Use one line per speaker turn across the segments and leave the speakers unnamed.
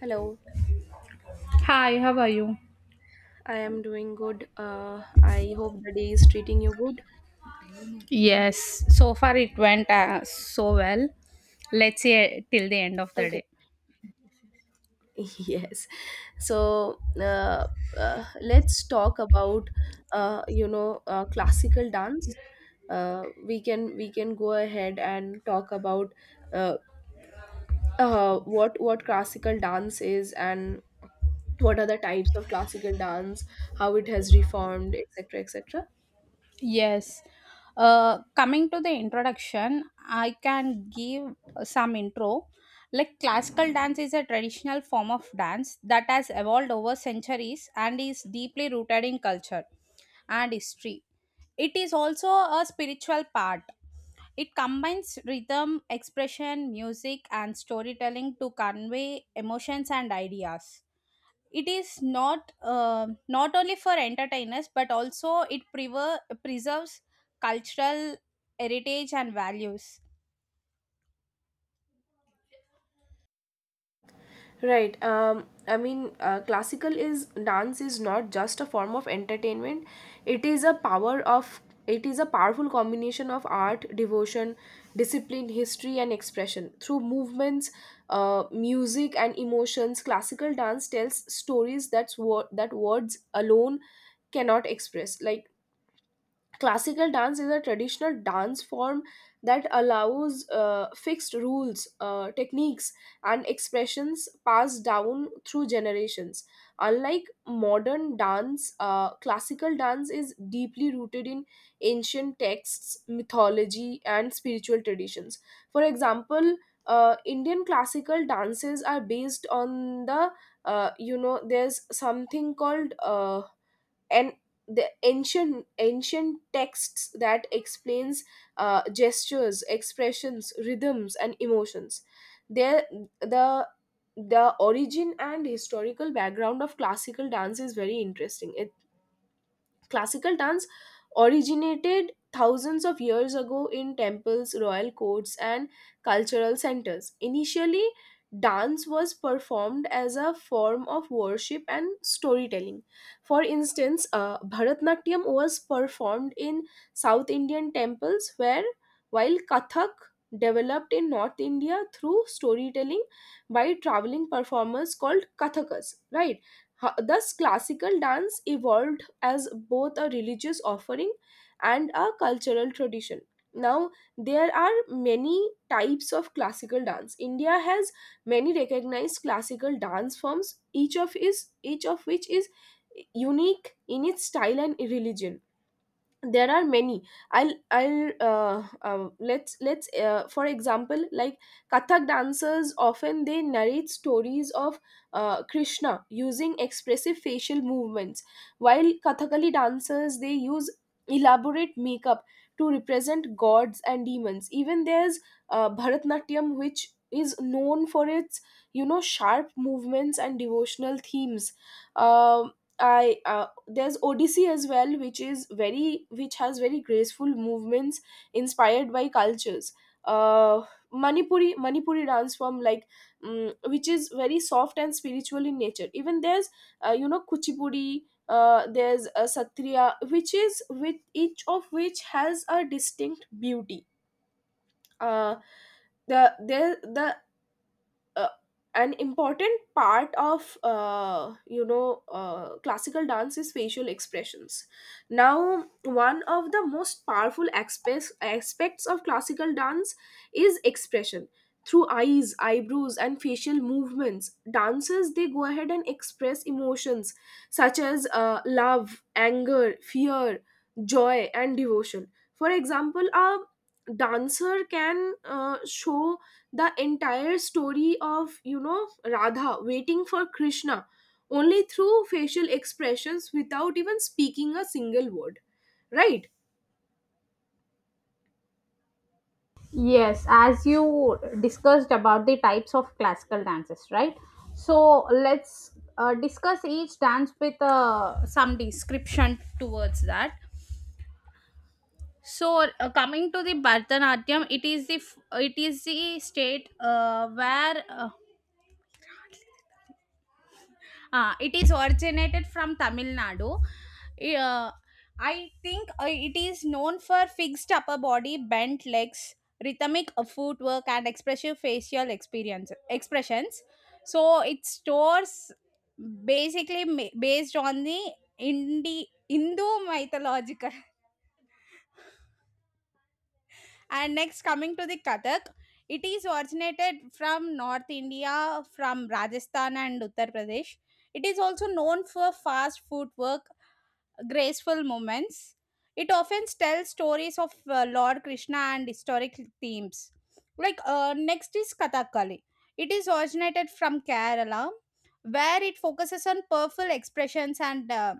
Hello,
Hi, how are you?
I am doing good. I hope the day is treating you good.
Yes, so far it went so well. Let's say till the end of the
Okay.
day.
Yes. So uh, let's talk about classical dance. We can go ahead and talk about uh, what classical dance is and what are the types of classical dance, how it has reformed, etc., etc.
Yes. Coming to the introduction, I can give some intro. Like classical dance is a traditional form of dance that has evolved over centuries and is deeply rooted in culture and history. It is also a spiritual part. It combines rhythm, expression, music, and storytelling to convey emotions and ideas. It is not only for entertainers, but also it preserves cultural heritage and values.
Right. I mean, classical is dance is not just a form of entertainment. It is a power of it is a powerful combination of art, devotion, discipline, history, and expression. Through movements, music, and emotions, classical dance tells stories that words alone cannot express. Like classical dance is a traditional dance form that allows fixed rules techniques and expressions passed down through generations. Unlike modern dance, classical dance is deeply rooted in ancient texts, mythology, and spiritual traditions. For example, Indian classical dances are based on the you know there's something called and the ancient texts that explains gestures, expressions, rhythms, and emotions. There the the origin and historical background of classical dance is very interesting. Classical dance originated thousands of years ago in temples, royal courts, and cultural centers. Initially, dance was performed as a form of worship and storytelling. For instance, Bharatnatyam was performed in South Indian temples, where while Kathak developed in North India through storytelling by traveling performers called Kathakas, right? Thus, classical dance evolved as both a religious offering and a cultural tradition. Now, there are many types of classical dance. India has many recognized classical dance forms, each of which is unique in its style and religion. There are many. I'll let's For example, like Kathak dancers often they narrate stories of Krishna using expressive facial movements, while Kathakali dancers they use elaborate makeup to represent gods and demons. Even there's Bharatnatyam, which is known for its, you know, sharp movements and devotional themes. Um, I There's Odyssey as well, which is very, which has very graceful movements inspired by cultures. uh manipuri dance form, like, which is very soft and spiritual in nature. Even there's, you know, Kuchipudi. There's a Satriya, which is with each of which has a distinct beauty. Uh the there the uh, an important part of, you know, classical dance is facial expressions. Now, one of the most powerful aspects of classical dance is expression through eyes, eyebrows, and facial movements. Dancers, they go ahead and express emotions such as, love, anger, fear, joy, and devotion. For example, a dancer can, show the entire story of, you know, Radha waiting for Krishna only through facial expressions without even speaking a single word, right?
Yes, as you discussed about the types of classical dances, right? So let's discuss each dance with some description towards that. So coming to the Bharatanatyam, it is it is the state where it is originated from Tamil Nadu. Uh, I think it is known for fixed upper body, bent legs, rhythmic footwork, and expressive facial experience expressions. So it stores basically based on the Hindu mythological. And next, coming to the Kathak, it is originated from North India, from Rajasthan and Uttar Pradesh. It is also known for fast footwork, graceful movements. It often tells stories of Lord Krishna and historic themes. Like next is Kathakali. It is originated from Kerala, where it focuses on powerful expressions and uh,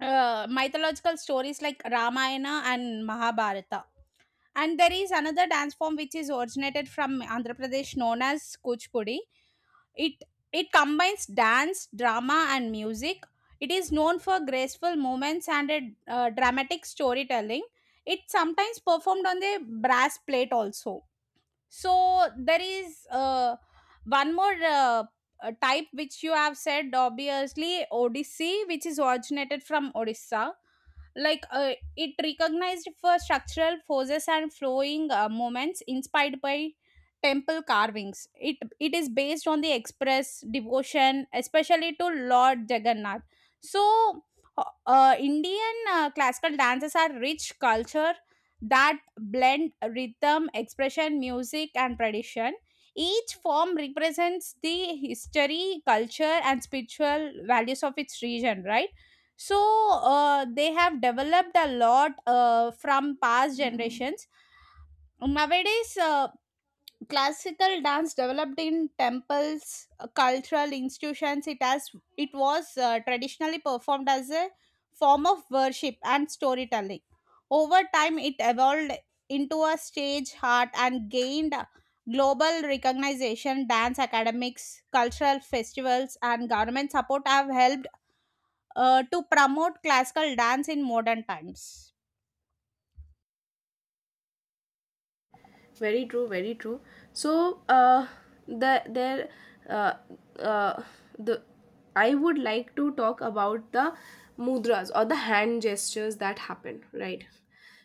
uh, mythological stories like Ramayana and Mahabharata. And there is another dance form which is originated from Andhra Pradesh, known as Kuchipudi. It it combines dance, drama, and music. It is known for graceful movements and a, dramatic storytelling. It sometimes performed on the brass plate also. So there is one more type which you have said, obviously Odissi, which is originated from Odisha. Like it recognized for structural forces and flowing moments inspired by temple carvings. It is based on the express devotion, especially to Lord Jagannath. So Indian classical dances are rich culture that blend rhythm, expression, music, and tradition. Each form represents the history, culture, and spiritual values of its region, right? So they have developed a lot from past generations. Nowadays, classical dance developed in temples, cultural institutions. It was traditionally performed as a form of worship and storytelling. Over time, it evolved into a stage art and gained global recognition. Dance academics, cultural festivals, and government support have helped to promote classical dance in modern times.
Very true, very true. So the there uh, uh the I would like to talk about the mudras or the hand gestures that happen, right?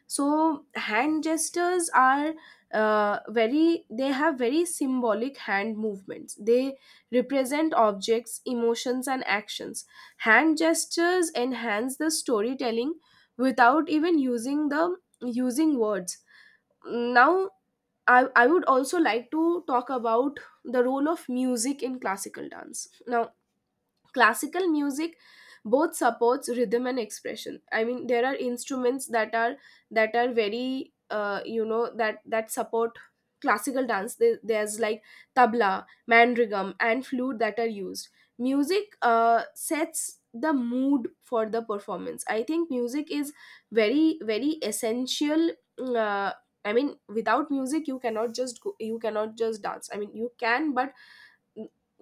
So hand gestures are, very, they have very symbolic hand movements. They represent objects, emotions, and actions. Hand gestures enhance the storytelling without even using words. Now, I would also like to talk about the role of music in classical dance. Now, classical music both supports rhythm and expression. I mean, there are instruments that are, very, you know, that support classical dance. There's like tabla, mandrigam, and flute that are used. Music, sets the mood for the performance. I think music is very, very essential. uh, I mean, without music you cannot just go, you cannot just dance. I mean, you can, but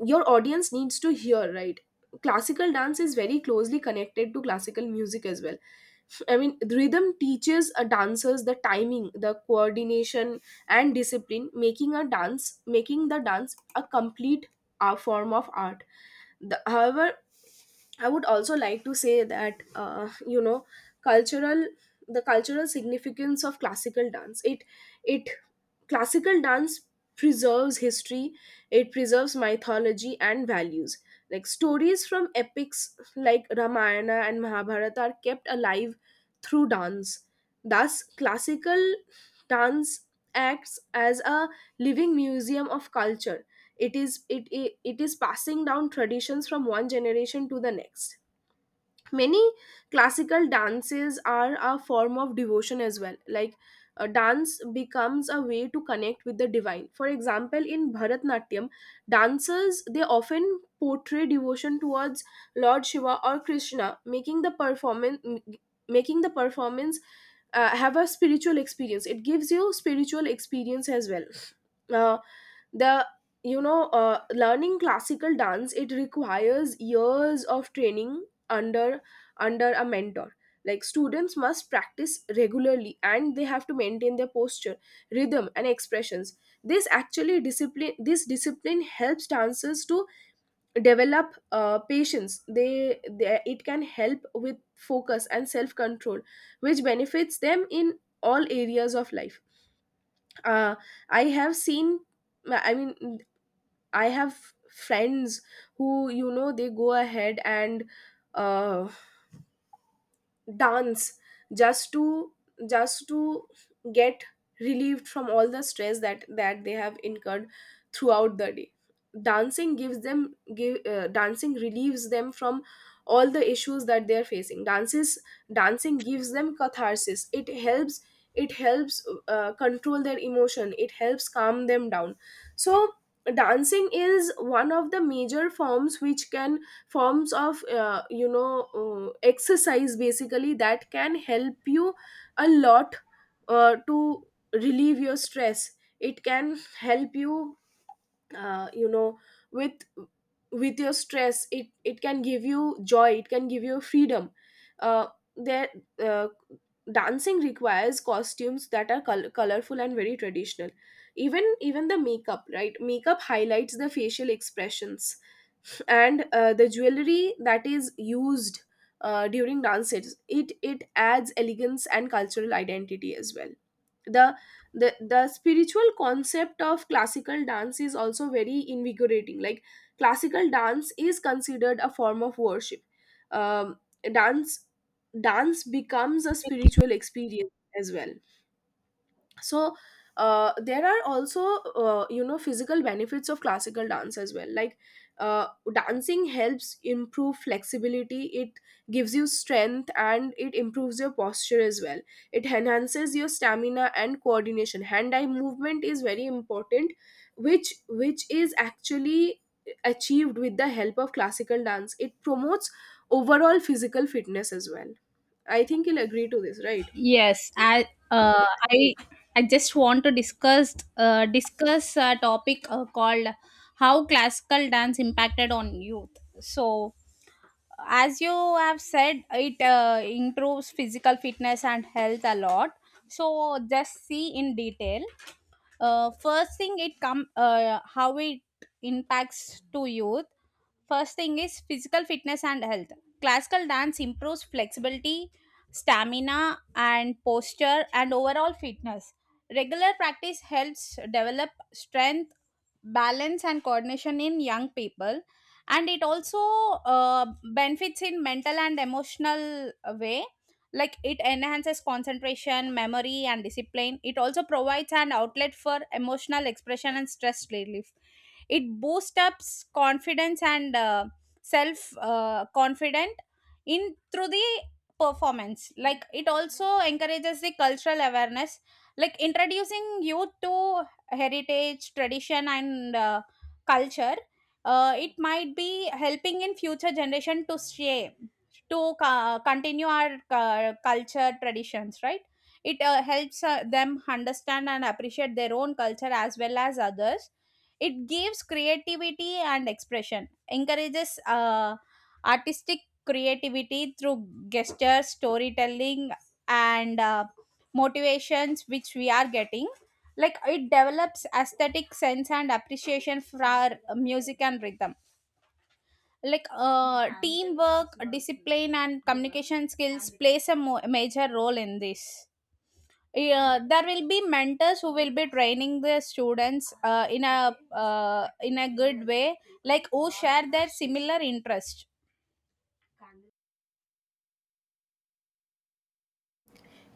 your audience needs to hear, right? Classical dance is very closely connected to classical music as well. I mean, the rhythm teaches a dancers the timing, the coordination, and discipline, making the dance a complete, form of art. However, I would also like to say that, you know, cultural cultural significance of classical dance, it classical dance preserves history. It preserves mythology and values. Like stories from epics like Ramayana and Mahabharata are kept alive through dance. Thus, classical dance acts as a living museum of culture. It is passing down traditions from one generation to the next. Many classical dances are a form of devotion as well. Like, dance becomes a way to connect with the divine. For example, in Bharatnatyam, dancers they often portray devotion towards Lord Shiva or Krishna, making the performance, have a spiritual experience. It gives you spiritual experience as well. Uh, the You know, learning classical dance, it requires years of training under a mentor. Like, students must practice regularly and they have to maintain their posture, rhythm, and expressions. This discipline helps dancers to develop, patience. They it can help with focus and self control, which benefits them in all areas of life. uh, I have seen, I mean, I have friends who, you know, they go ahead and, uh, dance just to, just to get relieved from all the stress that they have incurred throughout the day. Dancing relieves them from all the issues that they are facing. Dances Dancing gives them catharsis. It helps, control their emotion. It helps calm them down. So dancing is one of the major forms which can forms of, you know, exercise basically that can help you a lot, to relieve your stress. It can help you, you know, with, your stress. It can give you joy. It can give you freedom. Uh, there uh, Dancing requires costumes that are colorful and very traditional. Even the makeup, right? Makeup highlights the facial expressions. And, the jewelry that is used, during dances, it adds elegance and cultural identity as well. the the spiritual concept of classical dance is also very invigorating. Like, classical dance is considered a form of worship. um, dance Dance becomes a spiritual experience as well. So, there are also, you know, physical benefits of classical dance as well. Like, uh, dancing helps improve flexibility. It gives you strength and it improves your posture as well. It enhances your stamina and coordination. Hand eye movement is very important, which is actually achieved with the help of classical dance. It promotes overall physical fitness as well. I think you'll agree to this, right?
Yes, uh, I I just want to discuss a topic called how classical dance impacted on youth. So, as you have said, it improves physical fitness and health a lot. So, just see in detail. First thing it come how it impacts to youth. First thing is physical fitness and health. Classical dance improves flexibility, stamina, and posture, and overall fitness. Regular practice helps develop strength, balance, and coordination in young people. And it also uh, benefits in mental and emotional way. Like, it enhances concentration, memory, and discipline. It also provides an outlet for emotional expression and stress relief. It boosts up confidence and self confident in through the performance. Like, it also encourages the cultural awareness, like introducing youth to heritage, tradition, and culture. It might be helping in future generation to stay continue our culture traditions, right? It helps them understand and appreciate their own culture as well as others. It gives creativity and expression, encourages artistic creativity through gestures, storytelling, and motivations which we are getting. Like, it develops aesthetic sense and appreciation for our music and rhythm. Like teamwork, discipline, and communication skills plays a major role in this. Yeah, there will be mentors who will be training the students in a good way, like who share their similar interest.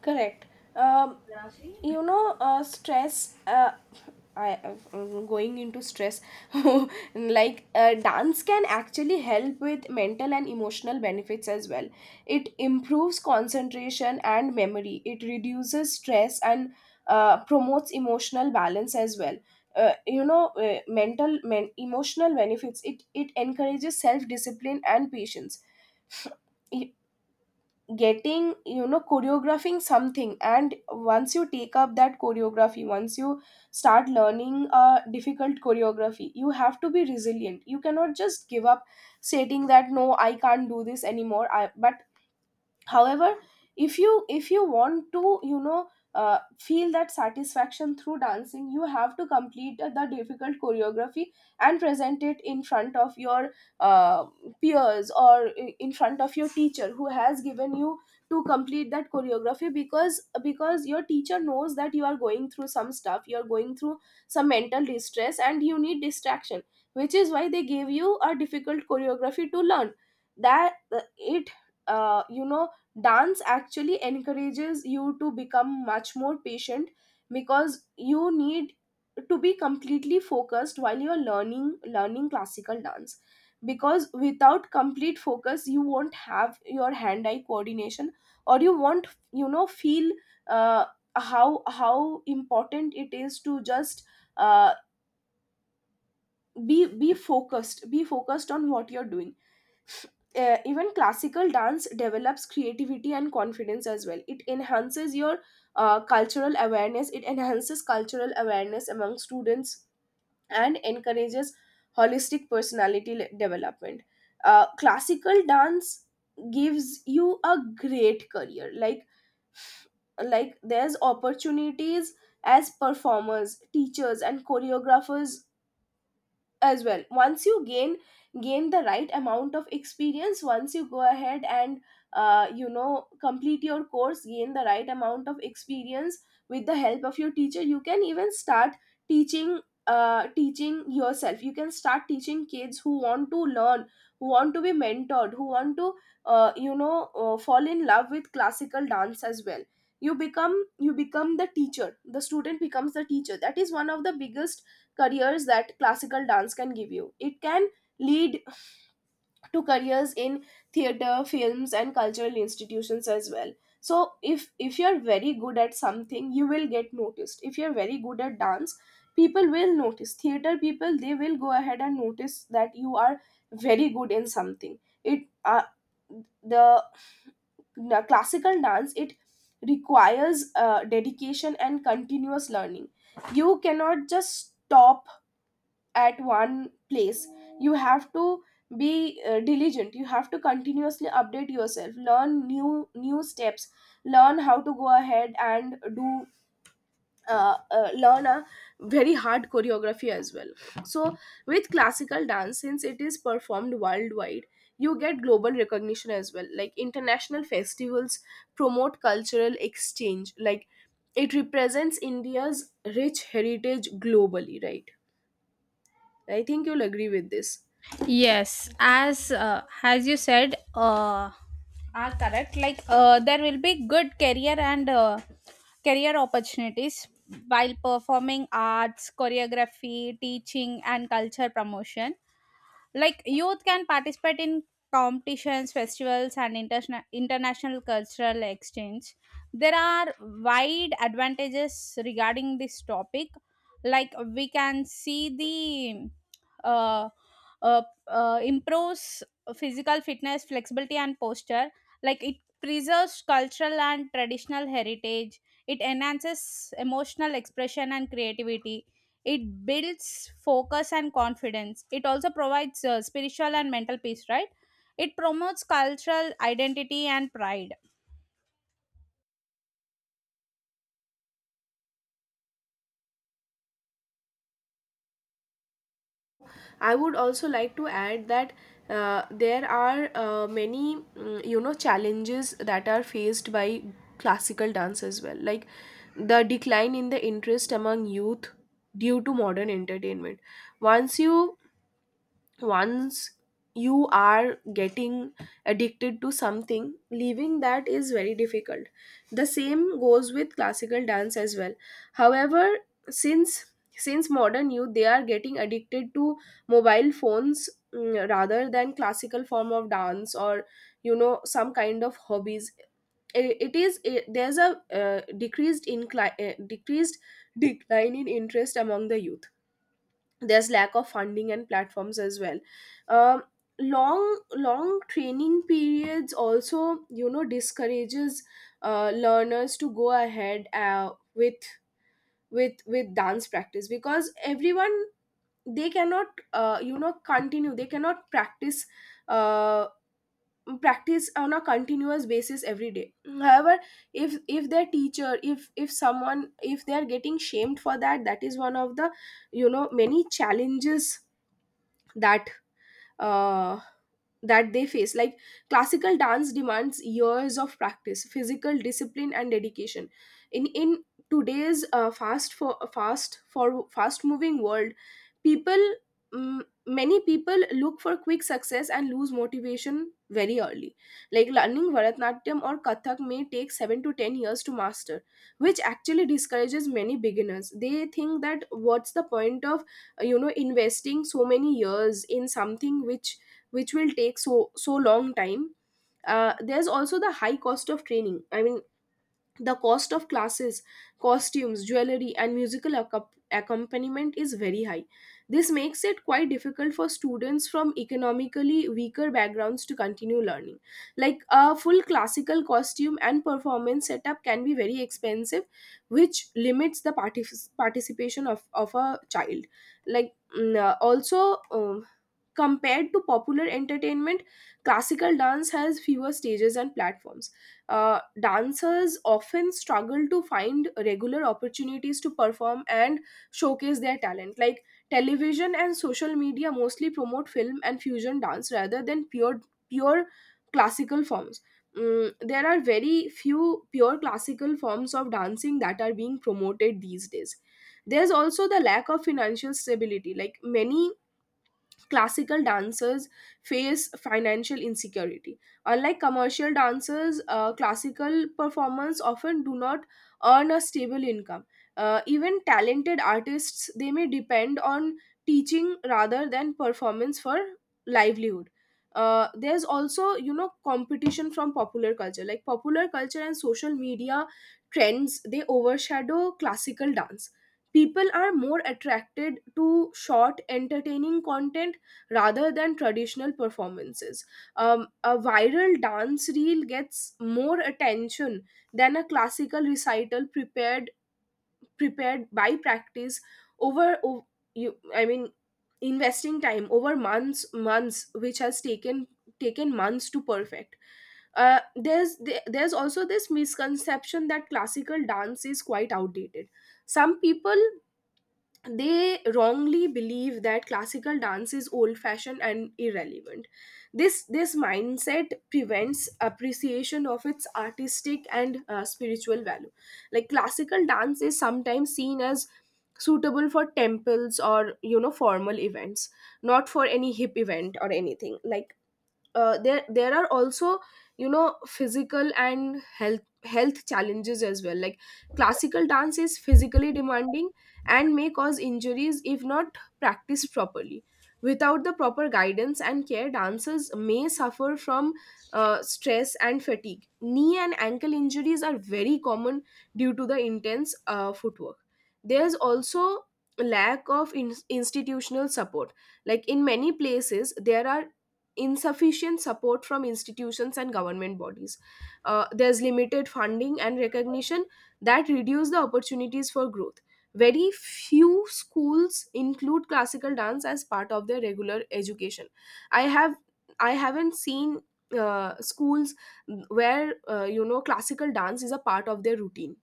Correct. Um, you know, stress. I'm going into stress. Like, dance can actually help with mental and emotional benefits as well. It improves concentration and memory. It reduces stress and, promotes emotional balance as well. You know, emotional benefits. It encourages self discipline and patience. Getting, you know, choreographing something, and once you take up that choreography, once you start learning a difficult choreography, you have to be resilient. You cannot just give up stating that no I can't do this anymore, but however, if you want to, you know, feel that satisfaction through dancing, you have to complete the difficult choreography and present it in front of your, uh, peers, or in front of your teacher who has given you to complete that choreography, because your teacher knows that you are going through some stuff, you are going through some mental distress and you need distraction, which is why they gave you a difficult choreography to learn. That it You know, dance actually encourages you to become much more patient because you need to be completely focused while you're learning classical dance, because without complete focus you won't have your hand eye coordination, or you won't, you know, feel, uh, how important it is to just, uh, be focused on what you're doing. Even classical dance develops creativity and confidence as well. It enhances your, cultural awareness. It enhances cultural awareness among students and encourages holistic personality development. Classical dance gives you a great career. Like, there's opportunities as performers, teachers, and choreographers as well. Once you gain the right amount of experience, once you go ahead and, you know, complete your course, gain the right amount of experience with the help of your teacher, you can even start teaching, yourself. You can start teaching kids who want to learn, who want to be mentored, who want to, you know, fall in love with classical dance as well. You become the teacher. The student becomes the teacher. That is one of the biggest careers that classical dance can give you. It can lead to careers in theater, films, and cultural institutions as well. So if you're very good at something, you will get noticed. If you're very good at dance, people will notice. Theater people they will go ahead and notice that you are very good in something. It uh, the Classical dance it requires dedication and continuous learning. You cannot just stop at one place. You have to be diligent. You have to continuously update yourself, learn new steps, learn how to go ahead and do learn a very hard choreography as well. So with classical dance, since it is performed worldwide, you get global recognition as well. Like international festivals promote cultural exchange. Like it represents India's rich heritage globally, right? I think you'll agree with this.
Yes, as you said, are correct. Like there will be good career and career opportunities while performing arts, choreography, teaching, and culture promotion. Like, youth can participate in competitions, festivals, and international cultural exchange. There are wide advantages regarding this topic. Like, we can see the uh, uh, improves physical fitness, flexibility, and posture. Like, it preserves cultural and traditional heritage. It enhances emotional expression and creativity. It builds focus and confidence. It also provides spiritual and mental peace, right? It promotes cultural identity and pride.
I would also like to add that there are many, you know, challenges that are faced by classical dance as well, like the decline in the interest among youth due to modern entertainment. Once you once you are getting addicted to something, leaving that is very difficult. The same goes with classical dance as well. However, since since modern youth, they are getting addicted to mobile phones, rather than classical form of dance or you know some kind of hobbies. There's a decreased incline decreased decline in interest among the youth. There's lack of funding and platforms as well. um, long training periods also you know discourages learners to go ahead with with dance practice, because everyone, they cannot you know continue. They cannot practice uh, practice on a continuous basis every day. However, if their teacher, if someone, if they are getting shamed for that, that is one of the you know many challenges that uh, that they face. Like classical dance demands years of practice, physical discipline, and dedication. In today's fast moving world, people, many people look for quick success and lose motivation very early. Like learning bharatnatyam or kathak may take 7 to 10 years to master, which actually discourages many beginners. They think that what's the point of you know investing so many years in something which will take so long time. There's also the high cost of training. I mean, the cost of classes, costumes, jewelry, and accompaniment is very high. This makes it quite difficult for students from economically weaker backgrounds to continue learning. Like a full classical costume and performance setup can be very expensive, which limits the participation of a child. Like also, compared to popular entertainment, classical dance has fewer stages and platforms. Dancers often struggle to find regular opportunities to perform and showcase their talent. Like television and social media mostly promote film and fusion dance rather than pure classical forms. There are very few pure classical forms of dancing that are being promoted these days. There's also the lack of financial stability. Like many classical dancers face financial insecurity. Unlike commercial dancers, classical performers often do not earn a stable income. Even talented artists, they may depend on teaching rather than performance for livelihood. There's also you know competition from popular culture. Like popular culture and social media trends, they overshadow classical dance. People are more attracted to short entertaining content rather than traditional performances. A viral dance reel gets more attention than a classical recital prepared by practice over o- you I mean investing time over months, which has taken taken months to perfect. There's also this misconception that classical dance is quite outdated. Some people, they wrongly believe that classical dance is old fashioned and irrelevant. This mindset prevents appreciation of its artistic and spiritual value. Like classical dance is sometimes seen as suitable for temples or you know formal events, not for any hip event or anything. Like there are also you know physical and health challenges as well. Like classical dance is physically demanding and may cause injuries if not practiced properly. Without the proper guidance and care, dancers may suffer from stress and fatigue. Knee and ankle injuries are very common due to the intense footwork. There's also lack of institutional support. Like in many places, there are insufficient support from institutions and government bodies. There's limited funding and recognition that reduce the opportunities for growth. Very few schools include classical dance as part of their regular education. I have I haven't seen schools where you know classical dance is a part of their routine.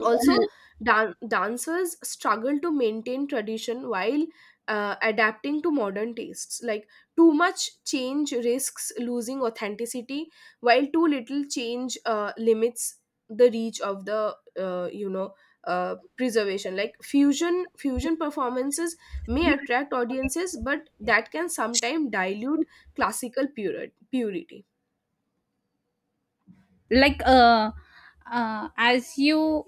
Also dancers struggle to maintain tradition while adapting to modern tastes. Like too much change risks losing authenticity, while too little change limits the reach of the preservation. Like fusion performances may attract audiences, but that can sometimes dilute classical purity.
Like as you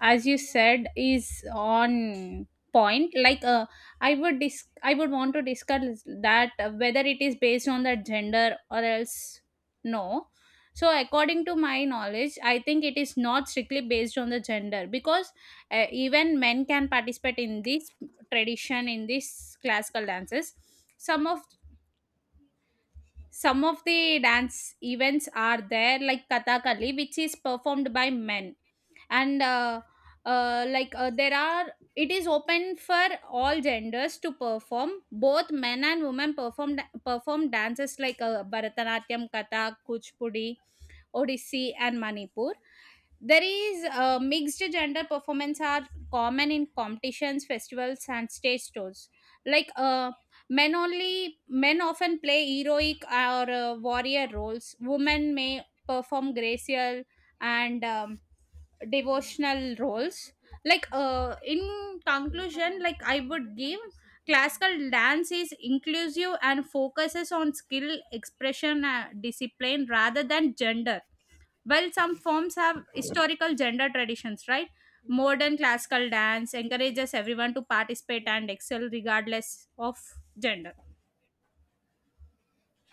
said is on point. Like I would I would want to discuss that whether it is based on the gender or else no. So, according to my knowledge, I think it is not strictly based on the gender, because even men can participate in this tradition, in these classical dances. Some of some of the dance events are there, like Kathakali, which is performed by men, and there are. It is open for all genders to perform. Both men and women perform dances like Bharatanatyam, Kathak, Kuchipudi, Odissi, and Manipur. There is mixed gender performance are common in competitions, festivals, and stage shows. Like men only, men often play heroic or warrior roles. Women may perform gracial and devotional roles. Like in conclusion, like I would give classical dance is inclusive and focuses on skill, expression, discipline rather than gender. While some forms have historical gender traditions, right? Modern classical dance encourages everyone to participate and excel regardless of gender.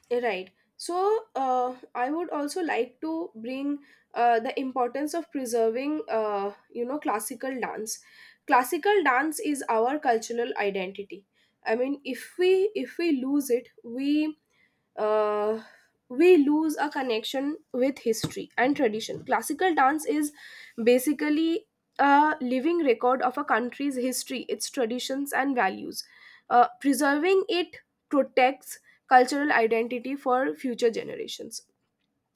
Right. So, I would also like to bring the importance of preserving, you know, classical dance. Classical dance is our cultural identity. I mean, if we lose it, we uh, we lose a connection with history and tradition. Classical dance is basically a living record of a country's history, its traditions, and values. Preserving it protects cultural identity for future generations.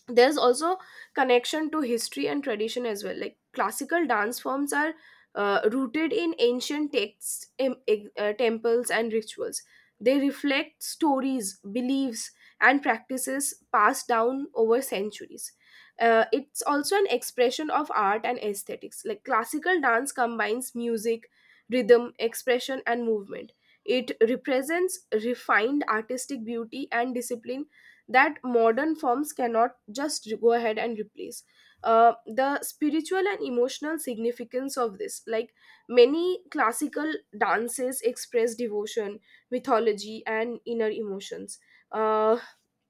There's also connection to history and tradition as well. Like classical dance forms are rooted in ancient texts, temples, and rituals. They reflect stories, beliefs, and practices passed down over centuries. It's also an expression of art and aesthetics. Like classical dance combines music, rhythm, expression, and movement. It represents refined artistic beauty and discipline that modern forms cannot just go ahead and replace. The spiritual and emotional significance of this, like many classical dances, express devotion, mythology, and inner emotions. Uh,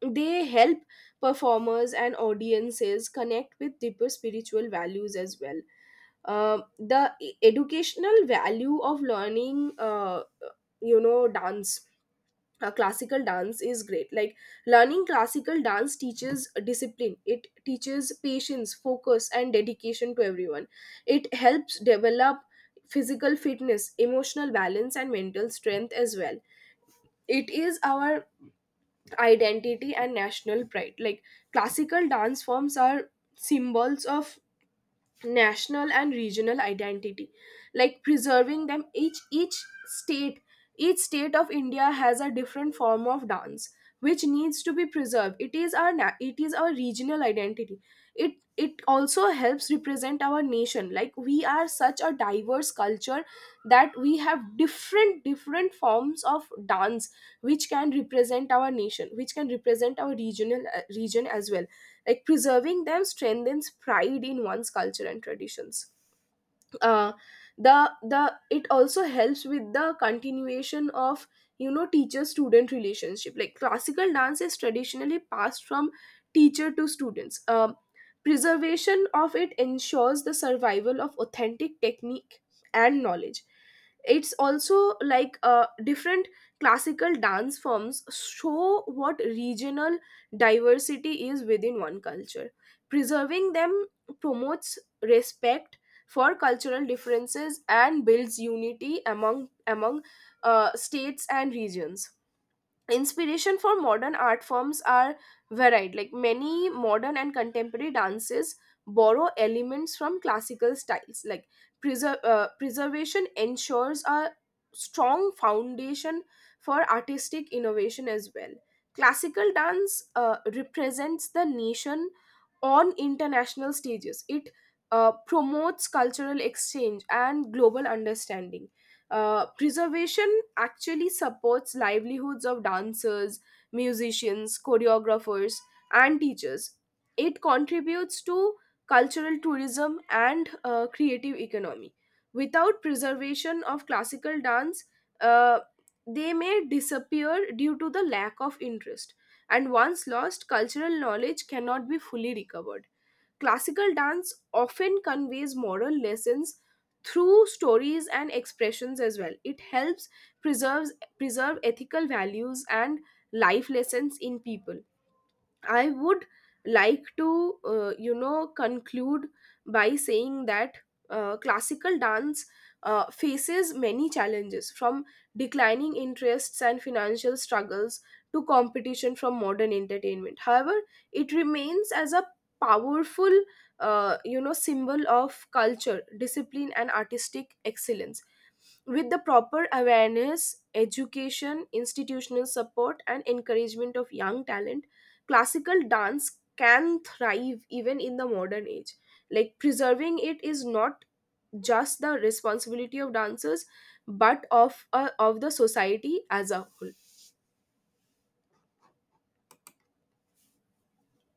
they help performers and audiences connect with deeper spiritual values as well. Educational value of learning, you know, dance, classical dance is great. Like learning classical dance teaches discipline. It teaches patience, focus, and dedication to everyone. It helps develop physical fitness, emotional balance, and mental strength as well. It is our identity and national pride. Like classical dance forms are symbols of national and regional identity. Like preserving them, each state, each state of India has a different form of dance which needs to be preserved. It is our it is our regional identity. It also helps represent our nation. Like we are such a diverse culture that we have different forms of dance which can represent our nation, which can represent our regional region as well. Like preserving them strengthens pride in one's culture and traditions. Uh, the the it also helps with the continuation of you know teacher student relationship. Like classical dance is traditionally passed from teacher to students. Preservation of it ensures the survival of authentic technique and knowledge. It's also like different classical dance forms show what regional diversity is within one culture. Preserving them promotes respect for cultural differences and builds unity among states and regions. Inspiration for modern art forms are varied. Like many modern and contemporary dances borrow elements from classical styles. Like preservation ensures a strong foundation for artistic innovation as well. Classical dance represents the nation on international stages. It promotes cultural exchange and global understanding. Preservation actually supports livelihoods of dancers, musicians, choreographers, and teachers. It contributes to cultural tourism and creative economy. Without preservation of classical dance, uh, they may disappear due to the lack of interest. And once lost, cultural knowledge cannot be fully recovered. Classical dance often conveys moral lessons through stories and expressions as well. It helps preserves preserve ethical values and life lessons in people. I would like to, you know, conclude by saying that classical dance faces many challenges, from declining interests and financial struggles to competition from modern entertainment. However, it remains as a powerful, you know, symbol of culture, discipline, and artistic excellence. With the proper awareness, education, institutional support, and encouragement of young talent, classical dance can thrive even in the modern age. Like preserving it is not just the responsibility of dancers, but of the society as a whole.